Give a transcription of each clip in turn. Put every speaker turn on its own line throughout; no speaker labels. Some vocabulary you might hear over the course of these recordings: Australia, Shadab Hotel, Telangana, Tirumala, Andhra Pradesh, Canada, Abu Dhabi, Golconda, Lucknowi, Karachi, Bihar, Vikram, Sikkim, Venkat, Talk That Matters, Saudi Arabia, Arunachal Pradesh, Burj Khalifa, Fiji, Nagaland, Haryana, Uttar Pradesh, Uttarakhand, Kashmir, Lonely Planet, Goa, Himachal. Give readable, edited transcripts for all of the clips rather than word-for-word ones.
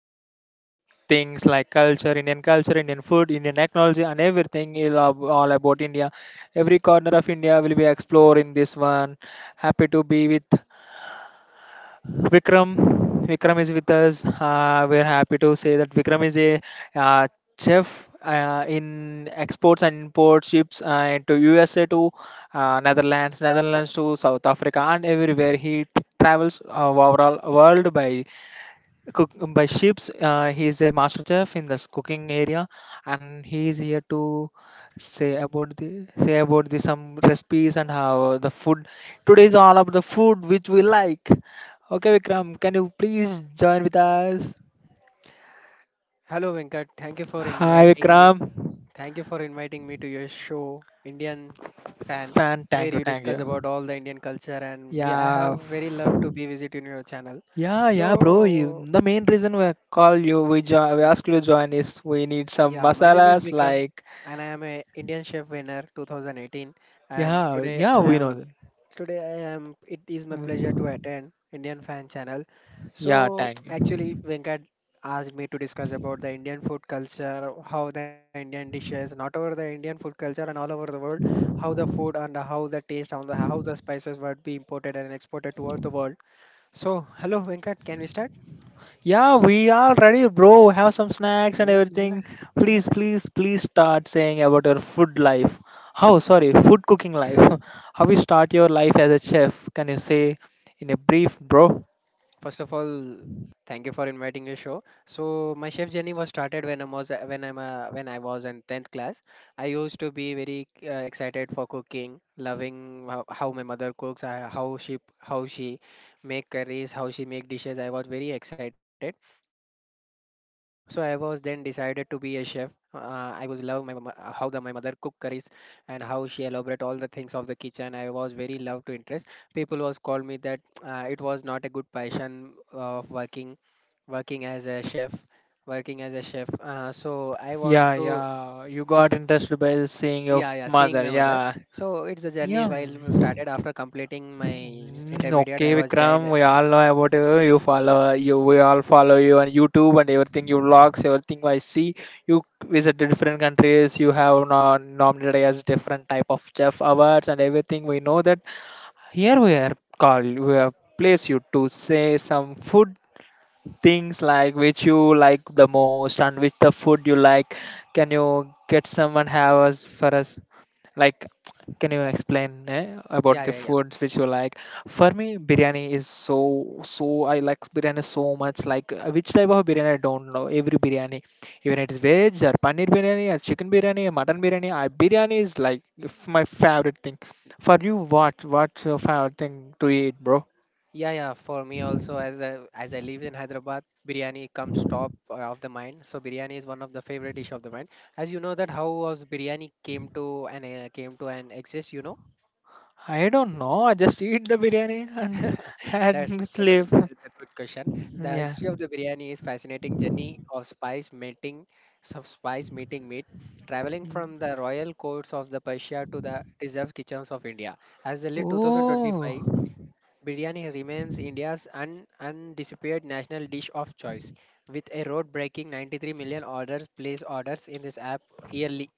all Indian things like culture, Indian food, Indian technology, and everything is all about India. Every corner of India will be explored in this one. Happy to be with Vikram. Vikram is with us. We're happy to say that Vikram is a uh, chef in exports and import ships to USA to Netherlands, Netherlands to South Africa, and everywhere he travels overall world by cook by ships, he's a master chef in this cooking area and he is here to say about the some recipes and how the food today is all about the food which we like. Okay, Vikram, can you please join with us?
Hello Venkat, thank you for
Hi
inviting me.
Vikram
Thank you for inviting me to your show, Indian Fan,
fan,
where
thank you,
you
thank
discuss
you.
about all the Indian culture and we I
yeah
have very
f-
love to be visit in your channel.
yeah, yeah, bro, you,
So
the main reason we call you, we we ask you to join is we need some
Yeah, my name is
masalas
Vikram
like,
and I am a Indian Chef winner 2018, and
yeah,
today
yeah,
I
we know
am it is my pleasure to
that.
attend Indian Fan Channel.
Yeah,
So
thank
actually
you.
Venkat asked me to discuss about the Indian food culture, how the Indian dishes, not over the Indian food culture and all over the world, how the food and how the taste and how the spices were be imported and exported toward the world. So hello Venkat, can we start?
Yeah, we are ready, bro. Have some snacks and
Milla, milla,
everything.
milla.
Please, please, please start saying about your food life. How, sorry, food cooking life. How you start your life as a chef? Can you say in a brief, bro?
First of all, thank you for inviting your show. So my chef journey was started when I was in tenth class. I used to be very excited for cooking, loving how my mother cooks, how she make curries, how she make dishes. I was very excited. So I was then decided to be a chef. I was love how the my mother cook curries and how she elaborate all the things of the kitchen. I was very love to interest people was called me that it was not a good passion of working working as a chef working as a chef so I want
Yeah,
to
yeah. You got interested by seeing your
yeah, seeing
mother.
my mother.
Yeah.
So it's a journey
Yeah.
while we started after completing my
Mm,
intermediate
okay,
I was joined.
Vikram, we all know about you. You follow you. We all follow you on YouTube and everything. You vlogs, everything I see. You visit the different countries. You have nominated as different type of chef awards and everything. We know that here we are called. We have place you to say some food things like which you like the most and which the food you like. Can you get someone have us for us? Like, can you explain about
Yeah,
the
yeah, yeah.
foods which you like? For me, biryani is so so. I like biryani so much. Like, which type of biryani I don't know. Every biryani, even it is veg or paneer biryani or chicken biryani or mutton biryani. I biryani is like my favorite thing. For you, what's your favorite thing to eat, bro?
Yeah, for me also, as I, as I live in Hyderabad, biryani comes top of the mind. So biryani is one of the favorite dish of the mind. As you know that how was biryani came to and came to an exist, you know.
I don't know. I just eat the biryani and and sleep.
That's a good question. The
Yeah.
history of the biryani is fascinating journey of of spice meeting meat, traveling from the royal courts of the Persia to the reserved kitchens of India. As the late
Oh.
2025, biryani remains India's undisputed national dish of choice, with a road-breaking 93 million orders place orders in this app yearly.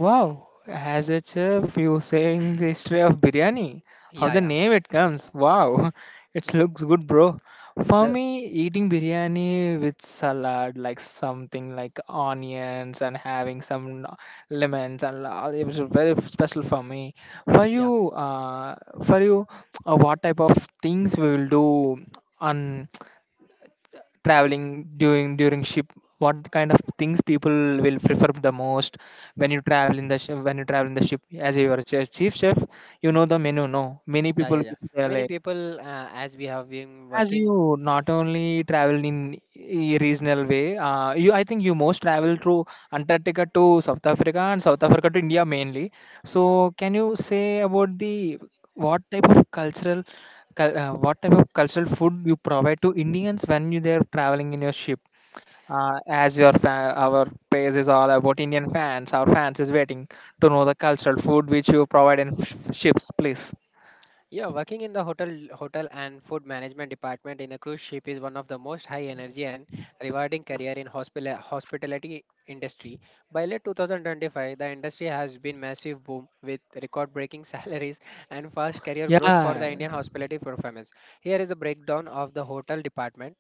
Wow, as a chef, you saying the history of biryani. How
Yeah,
the
yeah.
name it comes. Wow, it
Mm,
looks good, bro. For
the
me, eating biryani with salad, like something like onions and having some lemons and all, it was very special for me. For
yeah,
you, for you, what type of things we will do on traveling during ship, what kind of things people will prefer the most when you travel in the ship? As you are a chef, chief chef, you know the menu, no, many
yeah, yeah,
people
yeah.
they are
Many
like,
people, as we have been
as
working.
you not only travel in a regional way, you, I think you most travel through Antarctica to South Africa and South Africa to India mainly. So can you say about the what type of cultural what type of cultural food you provide to Indians when you they are traveling in your ship? As your our page is all about Indian fans, our fans is waiting to know the cultural food which you provide in ships, please.
Yeah, working in the hotel and food management department in a cruise ship is one of the most high energy and rewarding career in hospitality industry. By late 2025, the industry has been massive boom with record-breaking salaries and fast career growth for
Yeah,
the Indian hospitality performance. Here is a breakdown of the hotel department.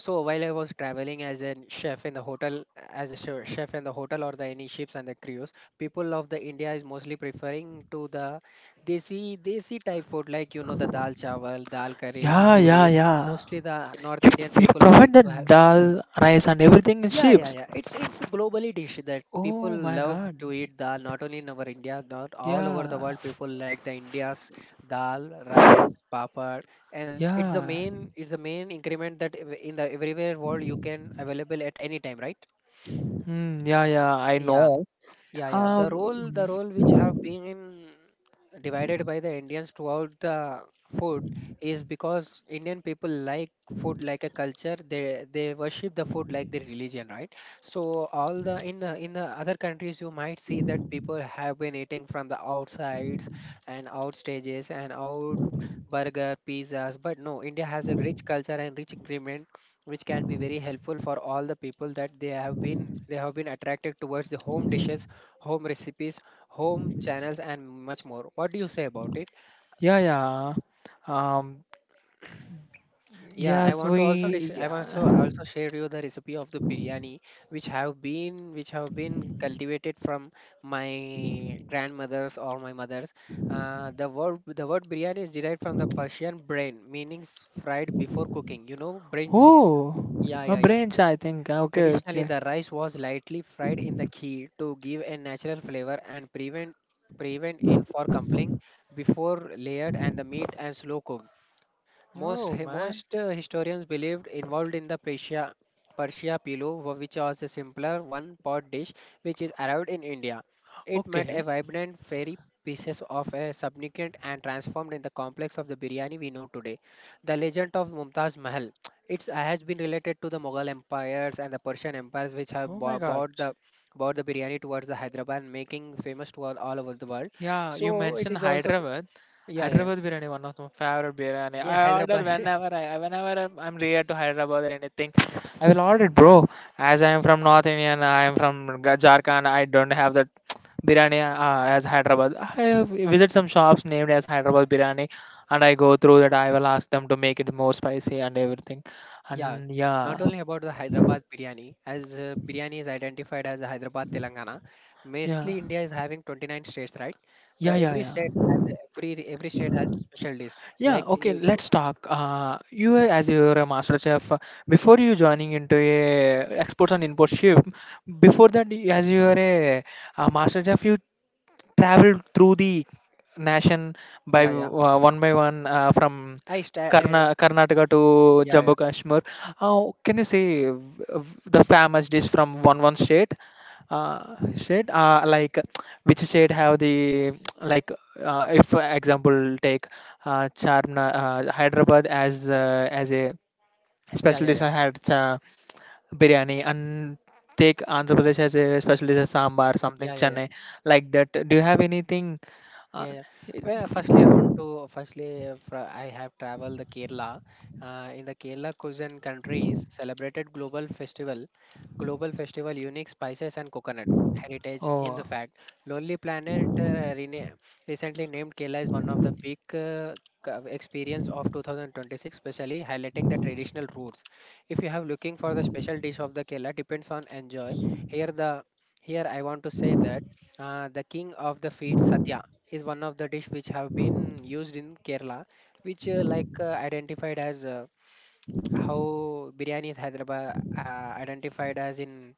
So while I was traveling as a chef in the hotel, as a chef in the hotel or the any ships and the cruise, people of the India is mostly preferring to the desi type food like you know the dal chawal, dal curries,
yeah, yeah,
puris.
yeah.
Mostly the North
You,
Indian
you
people like
provide the
to have
dal, rice, and everything in
yeah, yeah,
ships.
yeah. It's a globally dish that people
Oh my
love
God.
to eat dal. Not only in our India, not all over the
Yeah,
world, people like the India's dal, rice, papad, and
yeah,
it's the main increment that in the everywhere world you can available at any time, right?
mm, yeah, yeah. I
Yeah.
know.
Yeah, yeah.
Um,
The role which have been divided by the Indians throughout the food is because Indian people like food like a culture. They worship the food like their religion, right? So all the in the other countries you might see that people have been eating from the outsides and out stages and out burger, pizzas. But no, India has a rich culture and rich ingredient which can be very helpful for all the people that they have been attracted towards the home dishes, home recipes, home channels, and much more. What do you say about it?
yeah, yeah. Um,
Yeah, I
yes,
want
we.
to also dis- I
Yeah.
also shared you the recipe of the biryani, which have been cultivated from my grandmothers or my mothers. The word biryani is derived from the Persian brain, meaning fried before cooking. You know, brain.
Oh,
Yeah,
a
yeah, yeah.
branch, I think. Okay,
Traditionally,
okay.
the rice was lightly fried in the ghee to give a natural flavor and prevent in for crumbling before layered and the meat and slow cooked. Most
Oh
hi-
man.
most uh, historians believed involved in the Persia pillau, which was a simpler one-pot dish which is arrived in India. It met a
Okay.
vibrant fairy pieces of a subsequent and transformed in the complex of the biryani we know today. The legend of Mumtaz Mahal. It has been related to the Mughal empires and the Persian empires which
Oh my God.
bought the biryani towards the Hyderabad, making famous to all over the world.
Yeah, you
So it
mentioned
is also
Hyderabad.
yeah, yeah, yeah,
Hyderabad biryani, one of my favorite biryani.
yeah
I order
Hyderabad.
whenever I'm near to Hyderabad or anything, I will order it, bro. As I am from North Indian, I am from Jharkhand. I don't have that biryani as Hyderabad. I have visit some shops named as Hyderabad biryani, and I go through that. I will ask them to make it more spicy and everything.
Yeah,
And
not
yeah,
only about the Hyderabad biryani, as biryani is identified as Hyderabad Telangana,
yeah,
mostly India is having 29 states, right? The
yeah, yeah,
every state
yeah.
has a- Every state has a special dish.
Yeah,
Like when
okay,
you go,
let's talk. You were, as you're a master chef, before you joining into a exports and import ship, before that, you, as you were a master chef, you traveled through the nation by
yeah, yeah,
one by one from
I
Karnataka to
yeah, yeah,
Jammu Kashmir. How can you say the famous dish from one state? State, like which state have the like, if for example take Charmna, Hyderabad as a
yeah,
special
yeah,
dish
yeah,
I had, biryani, and take Andhra Pradesh as a specialty as sambar, something
yeah, yeah,
Chennai
yeah.
like that. Do you have anything? Uh,
Yeah, yeah. Well, firstly, I want to firstly, fr- I have traveled the Kerala. In the Kerala cuisine countries, celebrated global festival, unique spices and coconut heritage. In the
oh,
fact, Lonely Planet rena recently named Kerala is one of the big experience of 2026, especially highlighting the traditional roots. If you have looking for the special dish of the Kerala, depends on enjoy. Here the Here I want to say that the king of the feet, Sadhya is one of the dish which have been used in Kerala, which identified as how biryani is Hyderabad uh, identified as in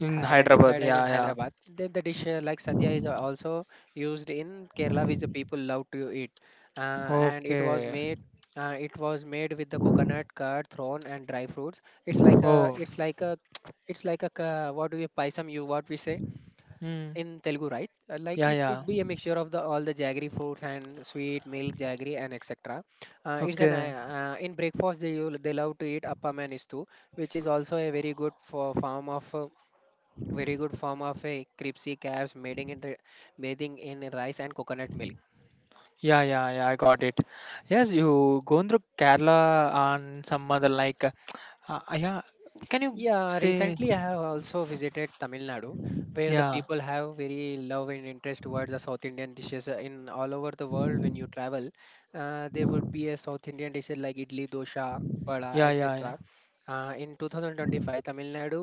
in Hyderabad,
identified as
yeah,
in
yeah.
Hyderabad. Then the dish like sadhya is also used in Kerala, which the people love to eat, uh, and it was
Okay.
made. It was made with the coconut curd thorn and dry fruits. It's like a,
Oh,
it's like a, it's like a what do we paisam you, what we say?
mm,
In Telugu, right? Like
yeah,
it should
yeah.
be a mixture of the all the jaggery fruits and sweet milk jaggery and etc. It's an
Okay.
In breakfast they love to eat appam and istu, which is also a very good form of a cripsy calves mating in bathing in rice and coconut milk.
Yeah, yeah, yeah. I got it. Yes, you going through Kerala and some other like, yeah. Can you
Yeah,
say,
recently I have also visited Tamil Nadu, where the
yeah,
people have very love and interest towards the South Indian dishes. In all over the world, when you travel, there would be a South Indian dishes like idli, dosa, vada,
yeah, yeah, yeah.
etc. In 2025, Tamil Nadu,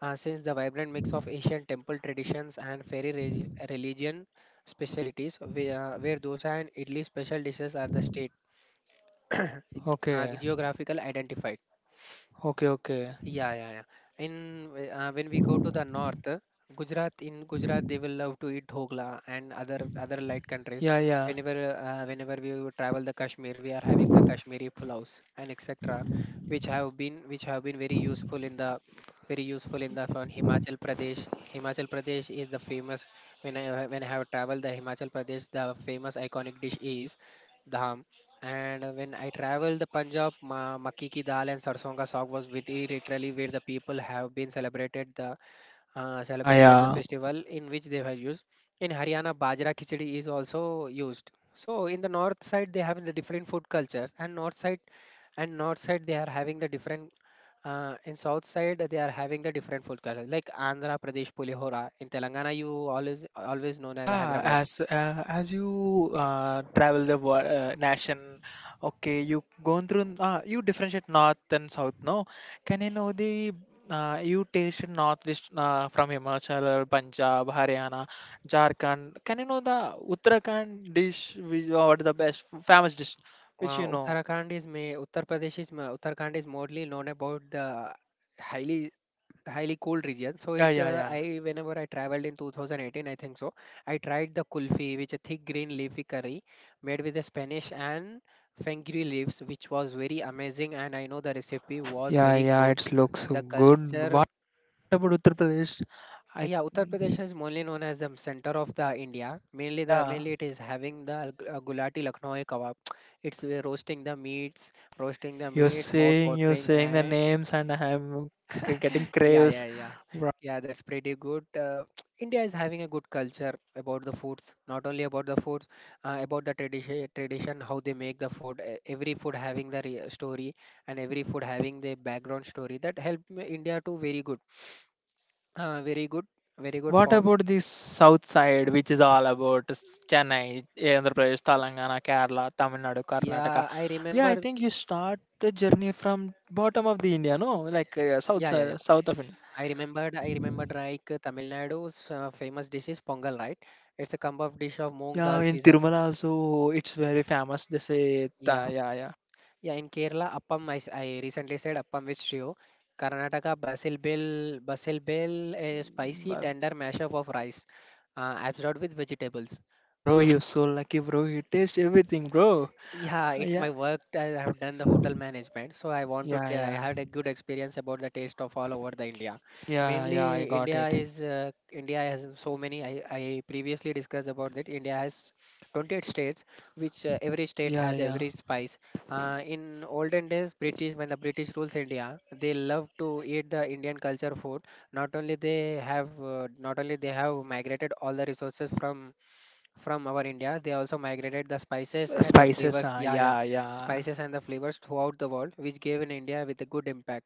since the vibrant mix of Asian temple traditions and fairy religion specialties, where dosa and idli special dishes are the state
Okay,
geographical identified.
okay, okay.
Yeah, yeah, yeah. In when we go to the north, Gujarat they will love to eat dhogla and other light countries.
Yeah, yeah,
Whenever we will travel the Kashmir, we are having the Kashmiri pulaus and etc., which have been very useful in the from Himachal Pradesh. Himachal Pradesh is the famous when I have traveled the Himachal Pradesh, the famous iconic dish is dham, and when I traveled the Punjab, ma Makki Ki Dal and Sarson Ka Saag was very literally where the people have been
yeah,
celebrated the
yeah.
festival in which they were used. In Haryana, Bajra Khichdi is also used. So in the north side, they have the different food cultures, and north side they are having the different. In south side, they are having the different food cultures like Andhra Pradesh Pulihora. In Telangana, you always known as the
Yeah,
Hyderabad.
as you travel the nation, okay, you gone through. You differentiate north and south. No, can you know the you tasted north dish from Himachal, Punjab, Haryana, Jharkhand. Can you know the Uttarakhand dish? Which or the best famous dish? Which you know?
Uttarakhand is ma- Uttar Pradesh is ma- Uttarakhand is mostly known about the highly highly cool region. So
Yeah,
it
yeah, yeah,
I whenever I traveled in 2018, I think so. I tried the kulfi, which a thick green leafy curry made with the Spanish and fenugreek leaves, which was very amazing. And I know the recipe was
yeah,
very
yeah.
good.
It looks so
The
good.
culture
What about Uttar Pradesh? I
Yeah, Uttar Pradesh is mainly known as the center of the India.
yeah,
Mainly
yeah.
it is having the gulati Lucknowi kebab. It's Roasting the meats,
You're
mouth
saying you're
watering,
saying the
and
names, and I'm getting
yeah,
craves.
yeah, yeah,
Right.
yeah. That's pretty good. India is having a good culture about the foods. Not only about the foods, tradition how they make the food. Every food having the story, and every food having the background story that help India to very good, very good, very good
What
form.
about the south side, which is all about Chennai, Andhra Pradesh, Telangana, Kerala, Tamil Nadu, Karnataka?
Yeah, I
Yeah, I
remember.
think you start the journey from bottom of the India, no,
Yeah, yeah,
like
yeah.
south
I
south of India.
remembered, I remembered like Tamil Nadu's famous dish is pongal, right? It's a kind of dish of moong
Yeah,
dal
in
season.
Tirumala also it's very famous. They say,
Yeah,
yeah, yeah.
yeah. In Kerala, appam. I recently said appam with stew. Karnataka, basil bell, a spicy
But
tender mashup of rice, absorbed with vegetables.
bro, you're so lucky, bro. You taste everything, bro.
Yeah, it's my
Yeah,
work. I have done the hotel management, so I want to.
yeah,
Try, I
yeah,
had a good experience about the taste of all over the India.
yeah, yeah. I
Mainly,
got
India
it.
is India has so many. I previously discussed about that. India has 28 states, which every state
Yeah,
has
yeah.
every spice. In olden days, British when the British rules India, they love to eat the Indian culture food. Not only they have not only they have migrated all the resources from our India. They also migrated the spices and the
Spices,
flavors, yeah, yeah,
yeah, yeah.
spices and the flavors throughout the world, which gave in India with a good impact.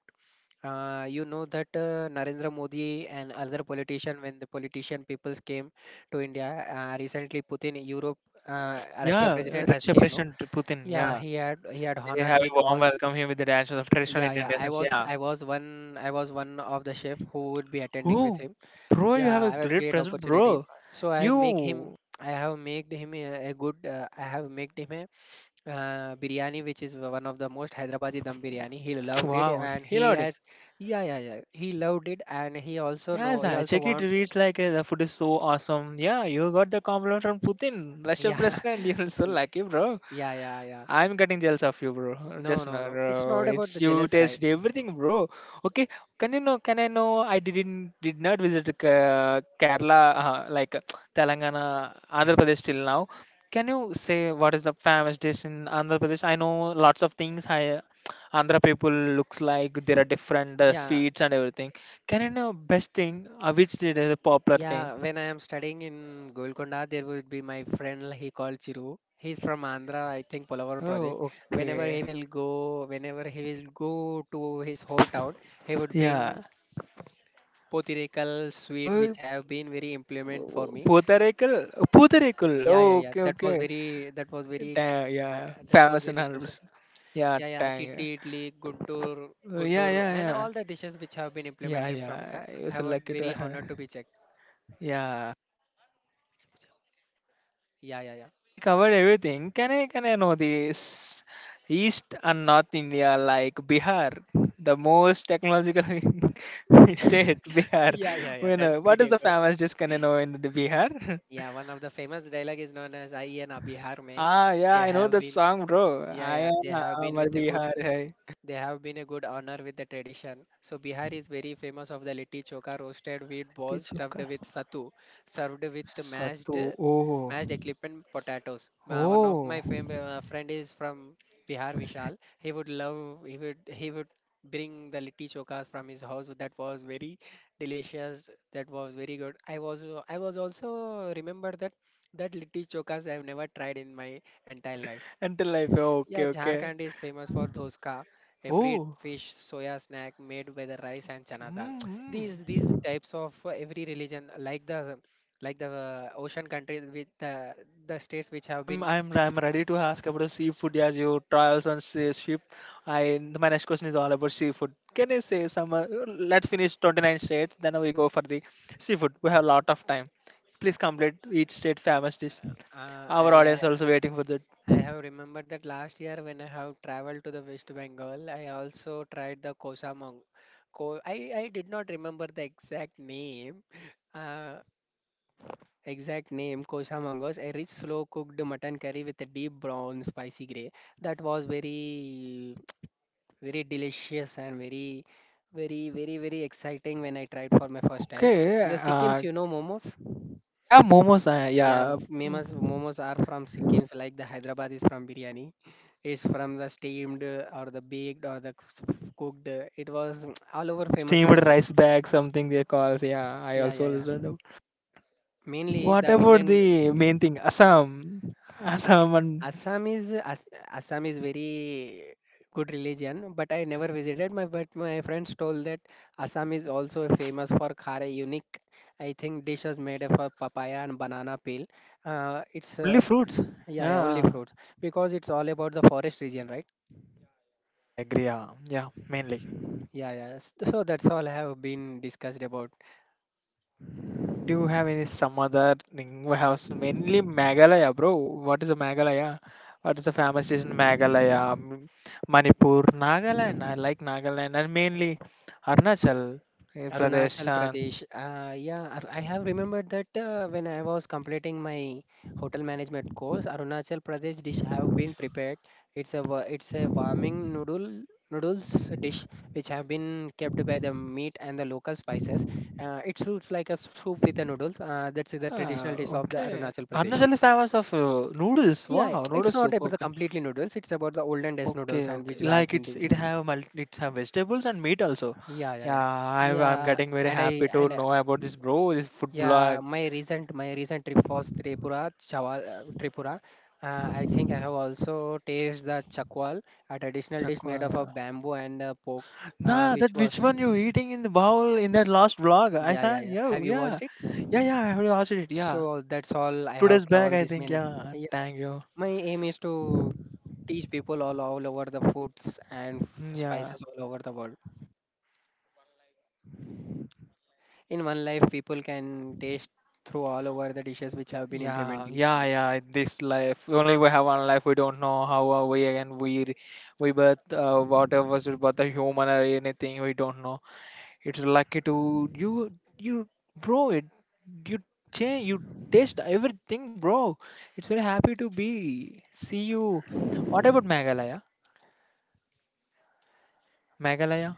You know that Narendra Modi and other politician, when the politician peoples came to India, recently Putin, Europe, Russia
Yeah,
president has
Russia
came, no?
President Putin,
Yeah,
yeah.
he had
They
honored
have a
with
warm
all.
welcome here with the dances of traditional
Yeah,
Indian
yeah. I
dances,
was
yeah.
I was one I was one of the chef who would be attending with
Oh,
him.
bro, you
Yeah,
have a
I had
great
great
present,
opportunity.
bro.
So I have make him.
You,
I have made him a good. I have made him a biryani, which is one of the most Hyderabadi dum biryani. He loved it,
wow,
and
he
he
loved it.
has. Yeah, yeah, yeah. He loved it, and he also know.
Yes,
He
I
also
check it,
want.
reads like the food is so awesome. Yeah, you got the compliment from Putin, Russia
Yeah,
President. You're so
yeah,
lucky, bro.
yeah, yeah, yeah.
I'm getting jealous of you, bro.
No,
Just
no,
not,
no. It's
bro.
not about the
It's you
jealous, right?
taste everything, bro. Okay, can you know? Can I know? I did not visit Kerala, like Telangana, Andhra Pradesh till now. Can you say what is the famous dish in Andhra Pradesh? I know lots of things. I, Andhra people looks like there are different
Yeah,
sweets and everything. Can you know best thing? Which is a popular thing?
yeah, when I am studying in Golconda, there would be my friend, he called Chiru. He's from Andhra, I think Polavaram project.
Oh,
Whenever he
okay.
will go, whenever he will go to his hometown, he would
Yeah.
bring potirekal sweet,
Oh.
which have been very implement for me.
Pootharaikal? Pootharaikal.
Yeah, yeah,
Oh,
yeah.
okay, okay. Dang, yeah,
Uh,
yeah.
that was
Famous in
very special.
100%. Yeah,
Yeah, yeah.
dang. Yeah,
Chiddi, idli, Guntur,
oh, yeah,
Guntur, and
yeah.
all the dishes which have been
Yeah,
implemented from
yeah.
that.
Yeah. I was
I was
lucky to
very
have.
honored to be checked.
Yeah.
Yeah, yeah, yeah.
We covered everything. Can I know this? East and North India, like Bihar, the most technological state, Bihar.
Yeah, yeah, yeah.
When,
That's
what is
pretty
the
good.
famous dish can I know in the Bihar?
Yeah, one of the famous dialogue is known as "Aiye na Bihar mein."
Ah, yeah,
They
I know
have
the
been,
song, bro.
yeah,
I
yeah,
am Amar Bihar hai.
they have been a good honor with the tradition. So Bihar is very famous of the litti choka, roasted wheat balls stuffed
Tijuca.
with sattu, served with mashed
Satu. Oh.
mashed equipment potatoes. One of
Oh.
my friend is from Bihar, Vishal. He would love. He would. He would bring the litti chokas from his house. That was very delicious. That was very good. I was also remember that litti chokas I have never tried in my entire life.
Until life. Okay,
Yeah,
okay.
Jharkhand is famous for doska, a fried
Oh.
fish soya snack made with the rice and chana dal. These
Mm-hmm.
types of every religion, like the ocean countries with the states which have
I'm
been.
I'm I'm ready to ask about the seafood as you travels on sea ship. I my next question is all about seafood. Can you say some? Let's finish 29 states, then we go for the seafood. We have a lot of time. Please complete each state famous dish.
Uh,
Our audience
I,
also waiting for that.
I have remembered that last year when I have traveled to the West Bengal, I also tried the kosamong. Ko I did not remember the exact name. Uh, Exact name, Kosamangos, a rich slow-cooked mutton curry with a deep brown spicy gray that was very, very delicious and very, very, very, very exciting when I tried for my first time.
Okay.
In the Sikkims, you know momos?
Yeah, momos.
Yeah,
Yeah,
momos are from Sikkims like the Hyderabad is from biryani. It's from the steamed or the baked or the cooked. It was all over famous in
steamed
the world.
rice bag, something they call. Yeah, I
Yeah, yeah,
also
yeah.
listened.
Mainly
What
the
about
Indian
the main thing? Assam, Assam and
Assam is Ass Assam is very good religion, but I never visited. My but my friends told that Assam is also famous for khare unique. I think dishes made of papaya and banana peel. It's
fully fruits.
Yeah, yeah, only
Yeah,
fruits because it's all about the forest region, right?
yeah, I agree. Yeah, yeah, mainly.
Yeah, yeah. So that's all I have been discussed about.
Do you have any some other thing? We have mainly Meghalaya, bro. What is a Meghalaya? What is the famous is in Meghalaya, Manipur, Nagaland. I like Nagaland and mainly Arunachal Pradesh.
Arunachal
And,
Pradesh. Yeah, I have remembered that when I was completing my hotel management course, Arunachal Pradesh dish have been prepared. It's a warming noodles dish which have been kept by the meat and the local spices. It suits like a soup with the noodles. That's the traditional
ah,
dish of the
okay,
Arunachal Pradesh.
Arunachal is famous of noodles.
Yeah, yeah,
Wow,
it's
noodles
not
soup.
about the completely noodles. It's about the olden days noodles
Okay,
and
okay.
which we have
Like
been
it's it
doing.
have multi, it's have vegetables and meat also.
Yeah, yeah,
Yeah,
yeah,
I'm
yeah.
getting very
And I
happy to
and
know about this, bro. This food
yeah,
vlog.
my recent trip was Tripura, Chawal, Tripura. I think I have also tasted the chakwal, a traditional dish
Chakwa.
made of a bamboo and pork,
Nah,
which
that
was
which one you eating in the bowl in that last vlog? I
yeah, yeah,
said
yeah. Have
Yo,
you
yeah,
watched it?
yeah, yeah. I have watched it. Yeah,
So that's all I
two
have
days back,
traveled
I
this
think.
many.
Yeah,
Yeah.
thank you.
My aim is to teach people all over the foods and
Mm, yeah,
spices all over the world. In one life, people can taste through all over the dishes which have been
yeah,
implementing in
yeah,
India.
yeah. This life only we have one life. We don't know how are we and we birth whatever was it, birth a human or anything. We don't know. It's lucky to you, you, bro. It you change, you taste everything, bro. It's very happy to be see you. What about Meghalaya? Meghalaya?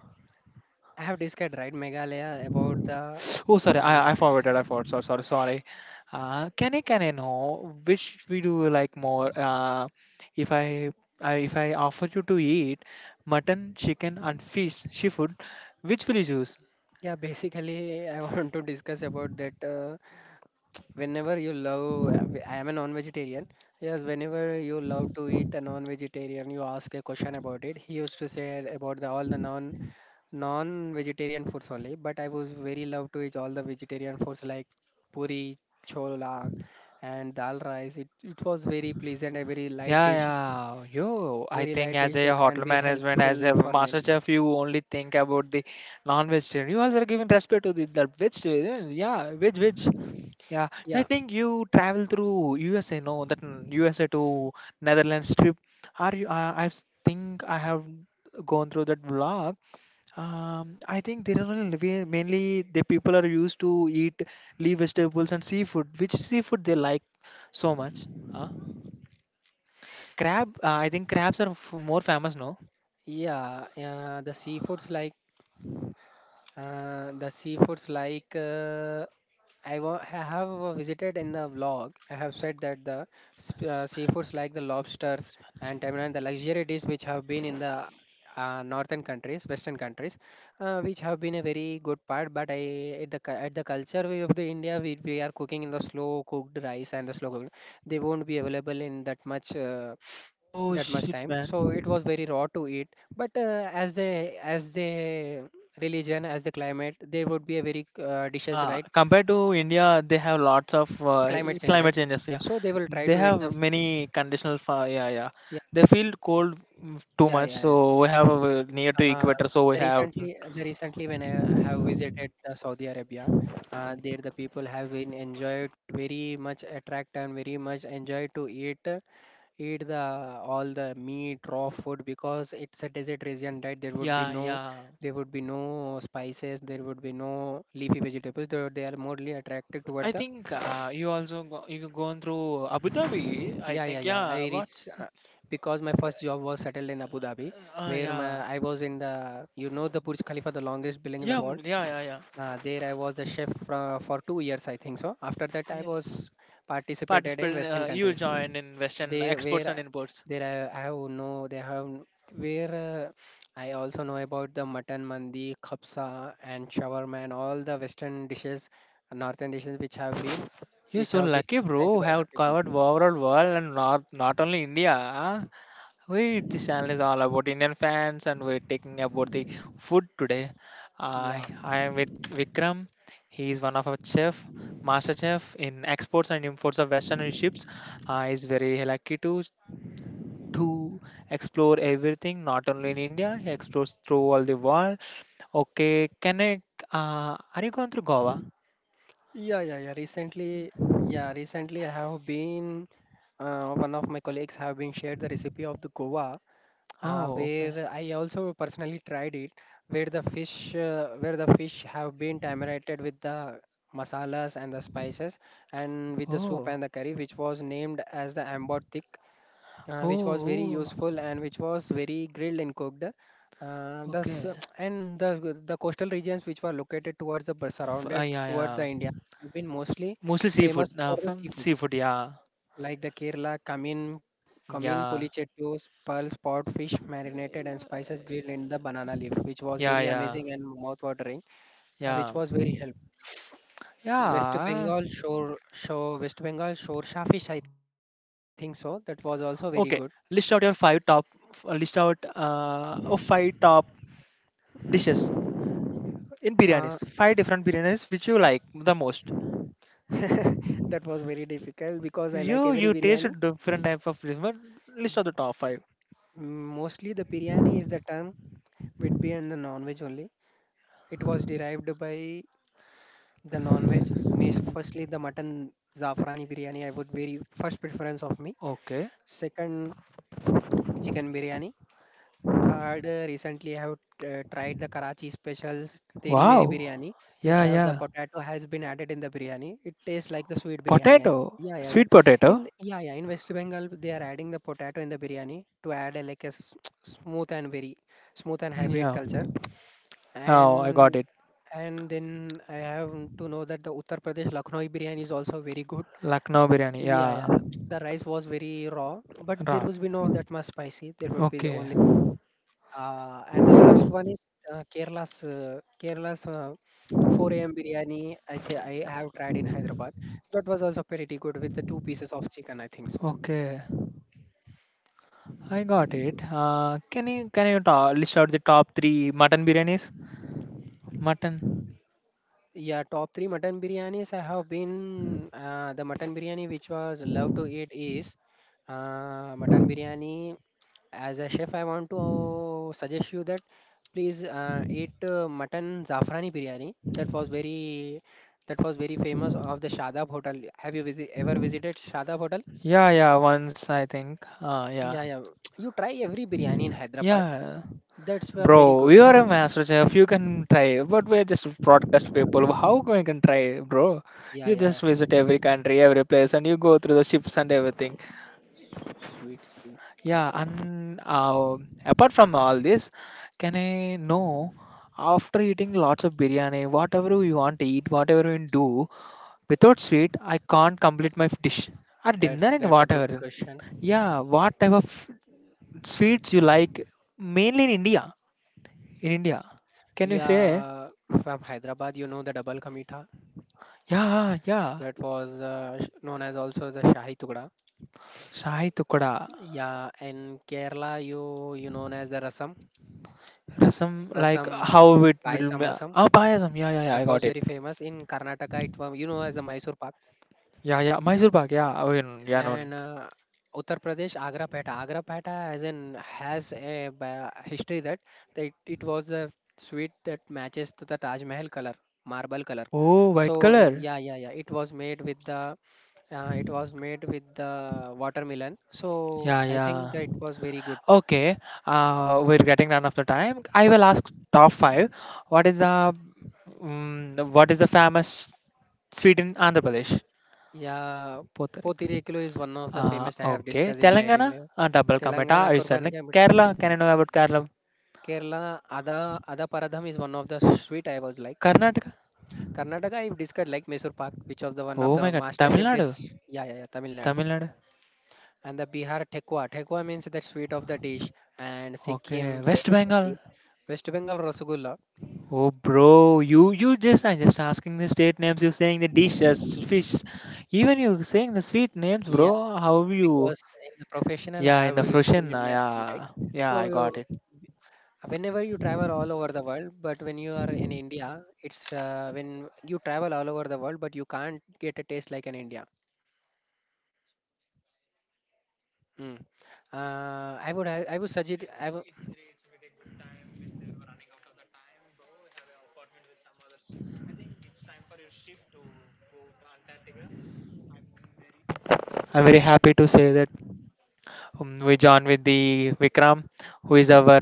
I have discussed right Meghalaya about the,
Oh, sorry, I
yeah.
forgot. I forgot. Sorry, sorry, sorry. Can I know which we do you like more? If I, if I offer you to eat mutton, chicken, and fish, seafood, which will you choose?
Yeah, basically, I want to discuss about that. Whenever you love, I am a non-vegetarian. Yes, whenever you love to eat a non-vegetarian, you ask a question about it. He used to say about all the non-vegetarian foods only, but I was very love to eat all the vegetarian foods like puri, chola, and dal rice. It was very pleasant, a
Yeah, yeah. Yo, I
very
think
light
as
dish
a
that can
hotel
be
management,
helpful
as a
for me.
master chef, you only think about the non-vegetarian. You also are giving respect to the vegetarian. Yeah, veg, veg. Yeah, I
Yeah,
think you travel through USA, no, that USA to Netherlands trip. Are you? Think I have gone through that vlog. I think there are mainly the people are used to eat leaf vegetables and seafood. Which seafood they like so much? Huh? Crab, I think crabs are more famous, no?
yeah, yeah. The seafoods like I have visited in the vlog. I have said that the seafoods like the lobsters and tamarin, the luxury dish which have been in the northern countries, western countries, which have been a very good part. But I at the culture way of the India, we are cooking in the slow cooked rice and the slow cooked. They won't be available in that much.
Oh
That much
shit,
time,
man.
so it was very raw to eat, but as the religion, as the climate, there would be a very dishes
Yeah,
like
compared to India, they have lots of
climate change,
climate
right,
changes. Yeah,
so they will try
they
to eat the.
have many conditional. Yeah, yeah.
Yeah,
They feel cold too
yeah,
much,
yeah, yeah.
so we have near to
uh,
equator, so we
the
have.
recently, when I have visited Saudi Arabia, there the people have been enjoyed very much attract and very much enjoy to eat, the all the meat raw food, because it's a desert region, right.
Yeah, yeah.
There would be no spices. There would be no leafy vegetables, though they are morely attracted toward
I
the.
think you also go, you gone through Abu Dhabi. I
Yeah, yeah,
think
yeah. I
yeah.
reach
What's
Because my first job was settled in Abu Dhabi, where
yeah,
I was in the the Burj Khalifa, the longest building in the
yeah,
world.
mm, yeah, yeah, yeah.
There I was the chef for 2 years, I think, so after that I
Yeah.
was participated in
Participated.
western
You
countries.
joined in Western
They
exports
where
and imports.
there I have no they have n- where I also know about the mutton mandi, kapsa and shawarma and all the western dishes, northern dishes which have been
You're
which
so
have been
lucky,
liked
bro.
by the
Have covered
people.
overall world and not only India. We this channel is all about Indian fans, and we're taking about the food today. I
Yeah,
I am with Vikram. He is one of our chef, master chef in exports and imports of Western ships. I is very lucky to explore everything, not only in India. He explores through all the world. Okay, can I? Are you going through Goa?
yeah, yeah, yeah. Recently, yeah, recently I have been one of my colleagues have been shared the recipe of the Goa,
Oh, okay.
where I also personally tried it, where the fish have been tamarated with the masalas and the spices and with the soup
Oh,
and the curry, which was named as the amber thick,
oh.
which was very
Oh.
useful and which was very grilled and cooked. Uh, the
Okay.
s- and the coastal regions which were located towards the surrounded
Yeah,
towards the
yeah.
India have been mostly
Mostly
famous
seafood.
for the
From
seafood
seafood. Yeah,
like the Kerala cumin, cumin
yeah,
polichettos, pearl spot fish marinated and spices grilled in the banana leaf, which was
yeah,
very
yeah,
amazing and mouth-watering, which
yeah,
was very help. West
yeah.
Bengal shore, shore, West Bengal shore shellfish, I think so. That was also very
Okay.
good.
List out your five top. List out of five top dishes in
Uh,
biryanis. Five different biryanis which you like the most.
that was very difficult because I like
You
every
you taste
biryani.
different type of biryanis, but list out the top five.
Mm. Mostly the biryani is the term with be and the non-veg only. It was derived by the non-veg, means firstly the mutton zafrani biryani, I would very first preference of me.
Okay.
Second, chicken biryani. Third, recently I have tried the Karachi specials Teri Meri
Wow.
biryani, which
Yeah,
have the
yeah.
potato has been added in the biryani. It tastes like the sweet biryani.
Potato.
Yeah, yeah, yeah.
Sweet potato.
In yeah, yeah. In West Bengal, they are adding the potato in the biryani to add a, like smooth and
Mm,
hybrid
yeah.
culture.
Oh, I got
And
it.
and then I have to know that the Uttar Pradesh Lucknow biryani is also very good.
Lucknow biryani.
Yeah,
Yeah.
yeah. The rice was very raw, but there
Ra.
was be no that much spicy. There would be the
Okay,
only. And the last one is Kerala's 4 a.m. biryani. I have tried in Hyderabad. That was also pretty good with the two pieces of chicken, I think so.
okay, I got it. Can you list out the top three mutton biryanis? Mutton.
Yeah, top 3 mutton biryanis I have been, the mutton biryani which was love to eat is mutton biryani. As a chef, I want to suggest you that please eat mutton zafrani biryani. That was very famous of the Shadab Hotel. Have you ever visited Shadab Hotel?
Yeah, yeah. Once I think. Yeah,
Yeah, yeah. You try every biryani in Hyderabad.
yeah.
That's well very
Bro,
good.
you are a master chef. You can try, but we're just broadcast people. How we can try, bro?
Yeah,
You just
yeah.
visit every country, every place, and you go through the ships and everything.
Sweet, sweet.
Yeah, and apart from all this, can I know? After eating lots of biryani, whatever you want to eat, whatever you do, without sweet, I can't complete my dish or dinner
That's
and
that's a good
whatever.
question.
Yeah, what type of sweets you like? Mainly in India. In India, can you say?
Yeah, from Hyderabad, you know the double ka mitha,
Yeah, yeah.
that was known as also the shahi tukda.
Shahi tukda,
Yeah, in Kerala, you known as the rasam.
rasam like
Rasam,
how it will.
payasam rasam.
Ah, payasam. Yeah, yeah, yeah. I
That
got
was
it.
very famous in Karnataka. It was you know as the Mysore Pak.
Yeah, yeah. Mysore pak. Yeah, oh, yeah, known, yeah,
And
known.
Uttar Pradesh Agra Peta. Agra Peta as in has a history that it was the sweet that matches to the Taj Mahal color, marble color.
Oh, white color.
Yeah, yeah, yeah. It was made with the watermelon. So
Yeah,
I think
yeah.
that it was very good.
Okay. We're getting run of the time. I will ask top five. What is the what is the famous Sweden, Andhra Pradesh,
Yeah,
both are.
Potirekulu is one of the famous I have
Okay,
discussed in my real
Telangana,
life.
double commit. Ah,
Telangana
I said
Kurban.
Kerala. Can you know about Kerala?
Kerala, Ada, Ada Paradham is one of the sweet I was like.
Karnataka.
Karnataka, I've discussed like Mysore Pak, which of the one of
Oh my
the
God,
master
Tamil
chef
Nadu,
dish. Yeah, yeah, yeah, Tamil Nadu.
Tamil Nadu.
And the Bihar Tekwa. Tekwa means the sweet of the dish. And
Okay,
Sikkim,
West
Serpoti,
Bengal.
West Bengal Rasagulla.
Oh, bro, you just I just asking the state names. You're saying the dishes, fish, even you saying the sweet names,
Yeah,
bro. How you?
because in the professional I
Yeah, in
have
the
you seen
frozen.
in
Ah,
my daily, right?
yeah, yeah, I got
So
it.
whenever you travel all over the world, but when you are in india it's when you travel all over the world, but you can't get a taste like in india. Mm. I would suggest I would
I'm very happy to say that we join with the Vikram, who is our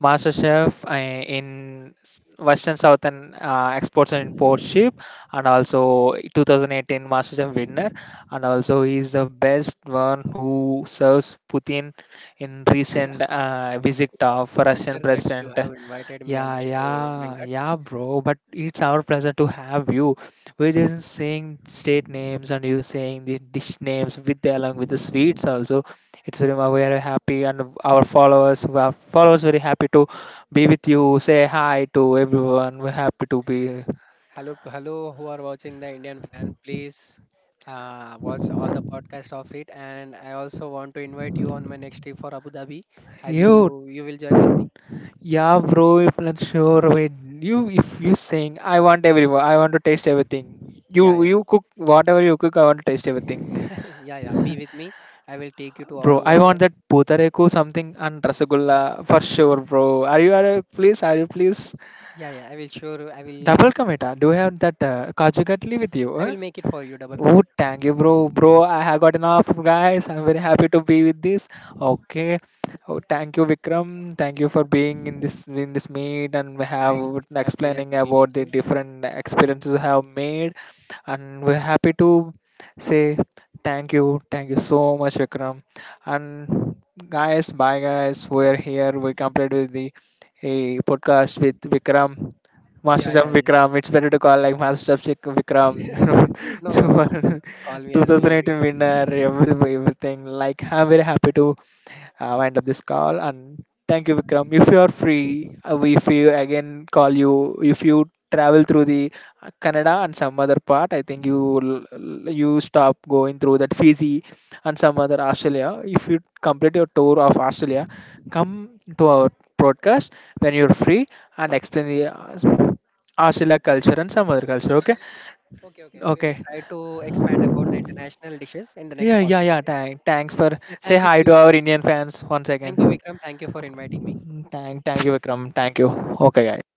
master chef Western Southern Exports and Import Ship, and also 2018 Master Chef winner, and also he is the best one who serves Putin in recent visit of Russian
pleasure that you
President.
have invited me on
Yeah,
the show,
yeah,
Venkat.
yeah, bro. But it's our pleasure to have you. We're just saying state names and you saying the dish names with along with the sweets also. It's very we are happy and our followers very happy to be with you. Say hi to everyone. We're happy to be
Hello, who are watching the Indian fan, please watch all the podcast of it. And I also want to invite you on my next trip for Abu Dhabi. Have you
you.
you will join with me?
Yeah, bro. If not sure, wait. You if you sing, I want everyone. I want to taste everything. You
Yeah, yeah,
you cook whatever you cook. I want to taste everything.
yeah, yeah. Be with me. I will take you to all
Bro, I
over
want
the.
that potareku something and rasagulla for sure, bro. Are you please
Yeah, yeah. I will sure. I will
double commit? Ah? Do you have that kaju katli with you?
I
Huh?
will make it for you. Double
Oh,
commit.
thank you, bro. Bro, I have got enough, guys. I'm very happy to be with this. Okay. Oh, thank you, Vikram. Thank you for being in this meet and we
It's my
have
it's my pleasure
explaining
to be with
about the
you.
different experiences you have made. And we're happy to say thank you so much, Vikram. And guys, bye, guys. We're here. We completed with the a podcast with Vikram. Master
Yeah,
Chef
yeah, yeah.
Vikram. It's better to call like Master Chef Vikram.
No, no, no. Call me as only Vic.
2018 winner, everything. Like, I'm very happy to wind up this call. And thank you, Vikram. If you are free, if you again call you, if you travel through the Canada and some other part, I think you stop going through that Fiji and some other Australia. If you complete your tour of Australia, come to our podcast when you're free and explain the Australia culture and some other culture. Okay.
Okay, okay. We will
Okay.
try to expand about the international dishes in the next
Yeah, yeah,
podcast,
yeah.
right?
Thanks for
Yeah,
say
thank you,
hi to
Chiru.
our Indian fans once
Thank you,
again.
Vikram. Thank you for inviting me.
Thank you, Vikram. Thank you. Okay, guys.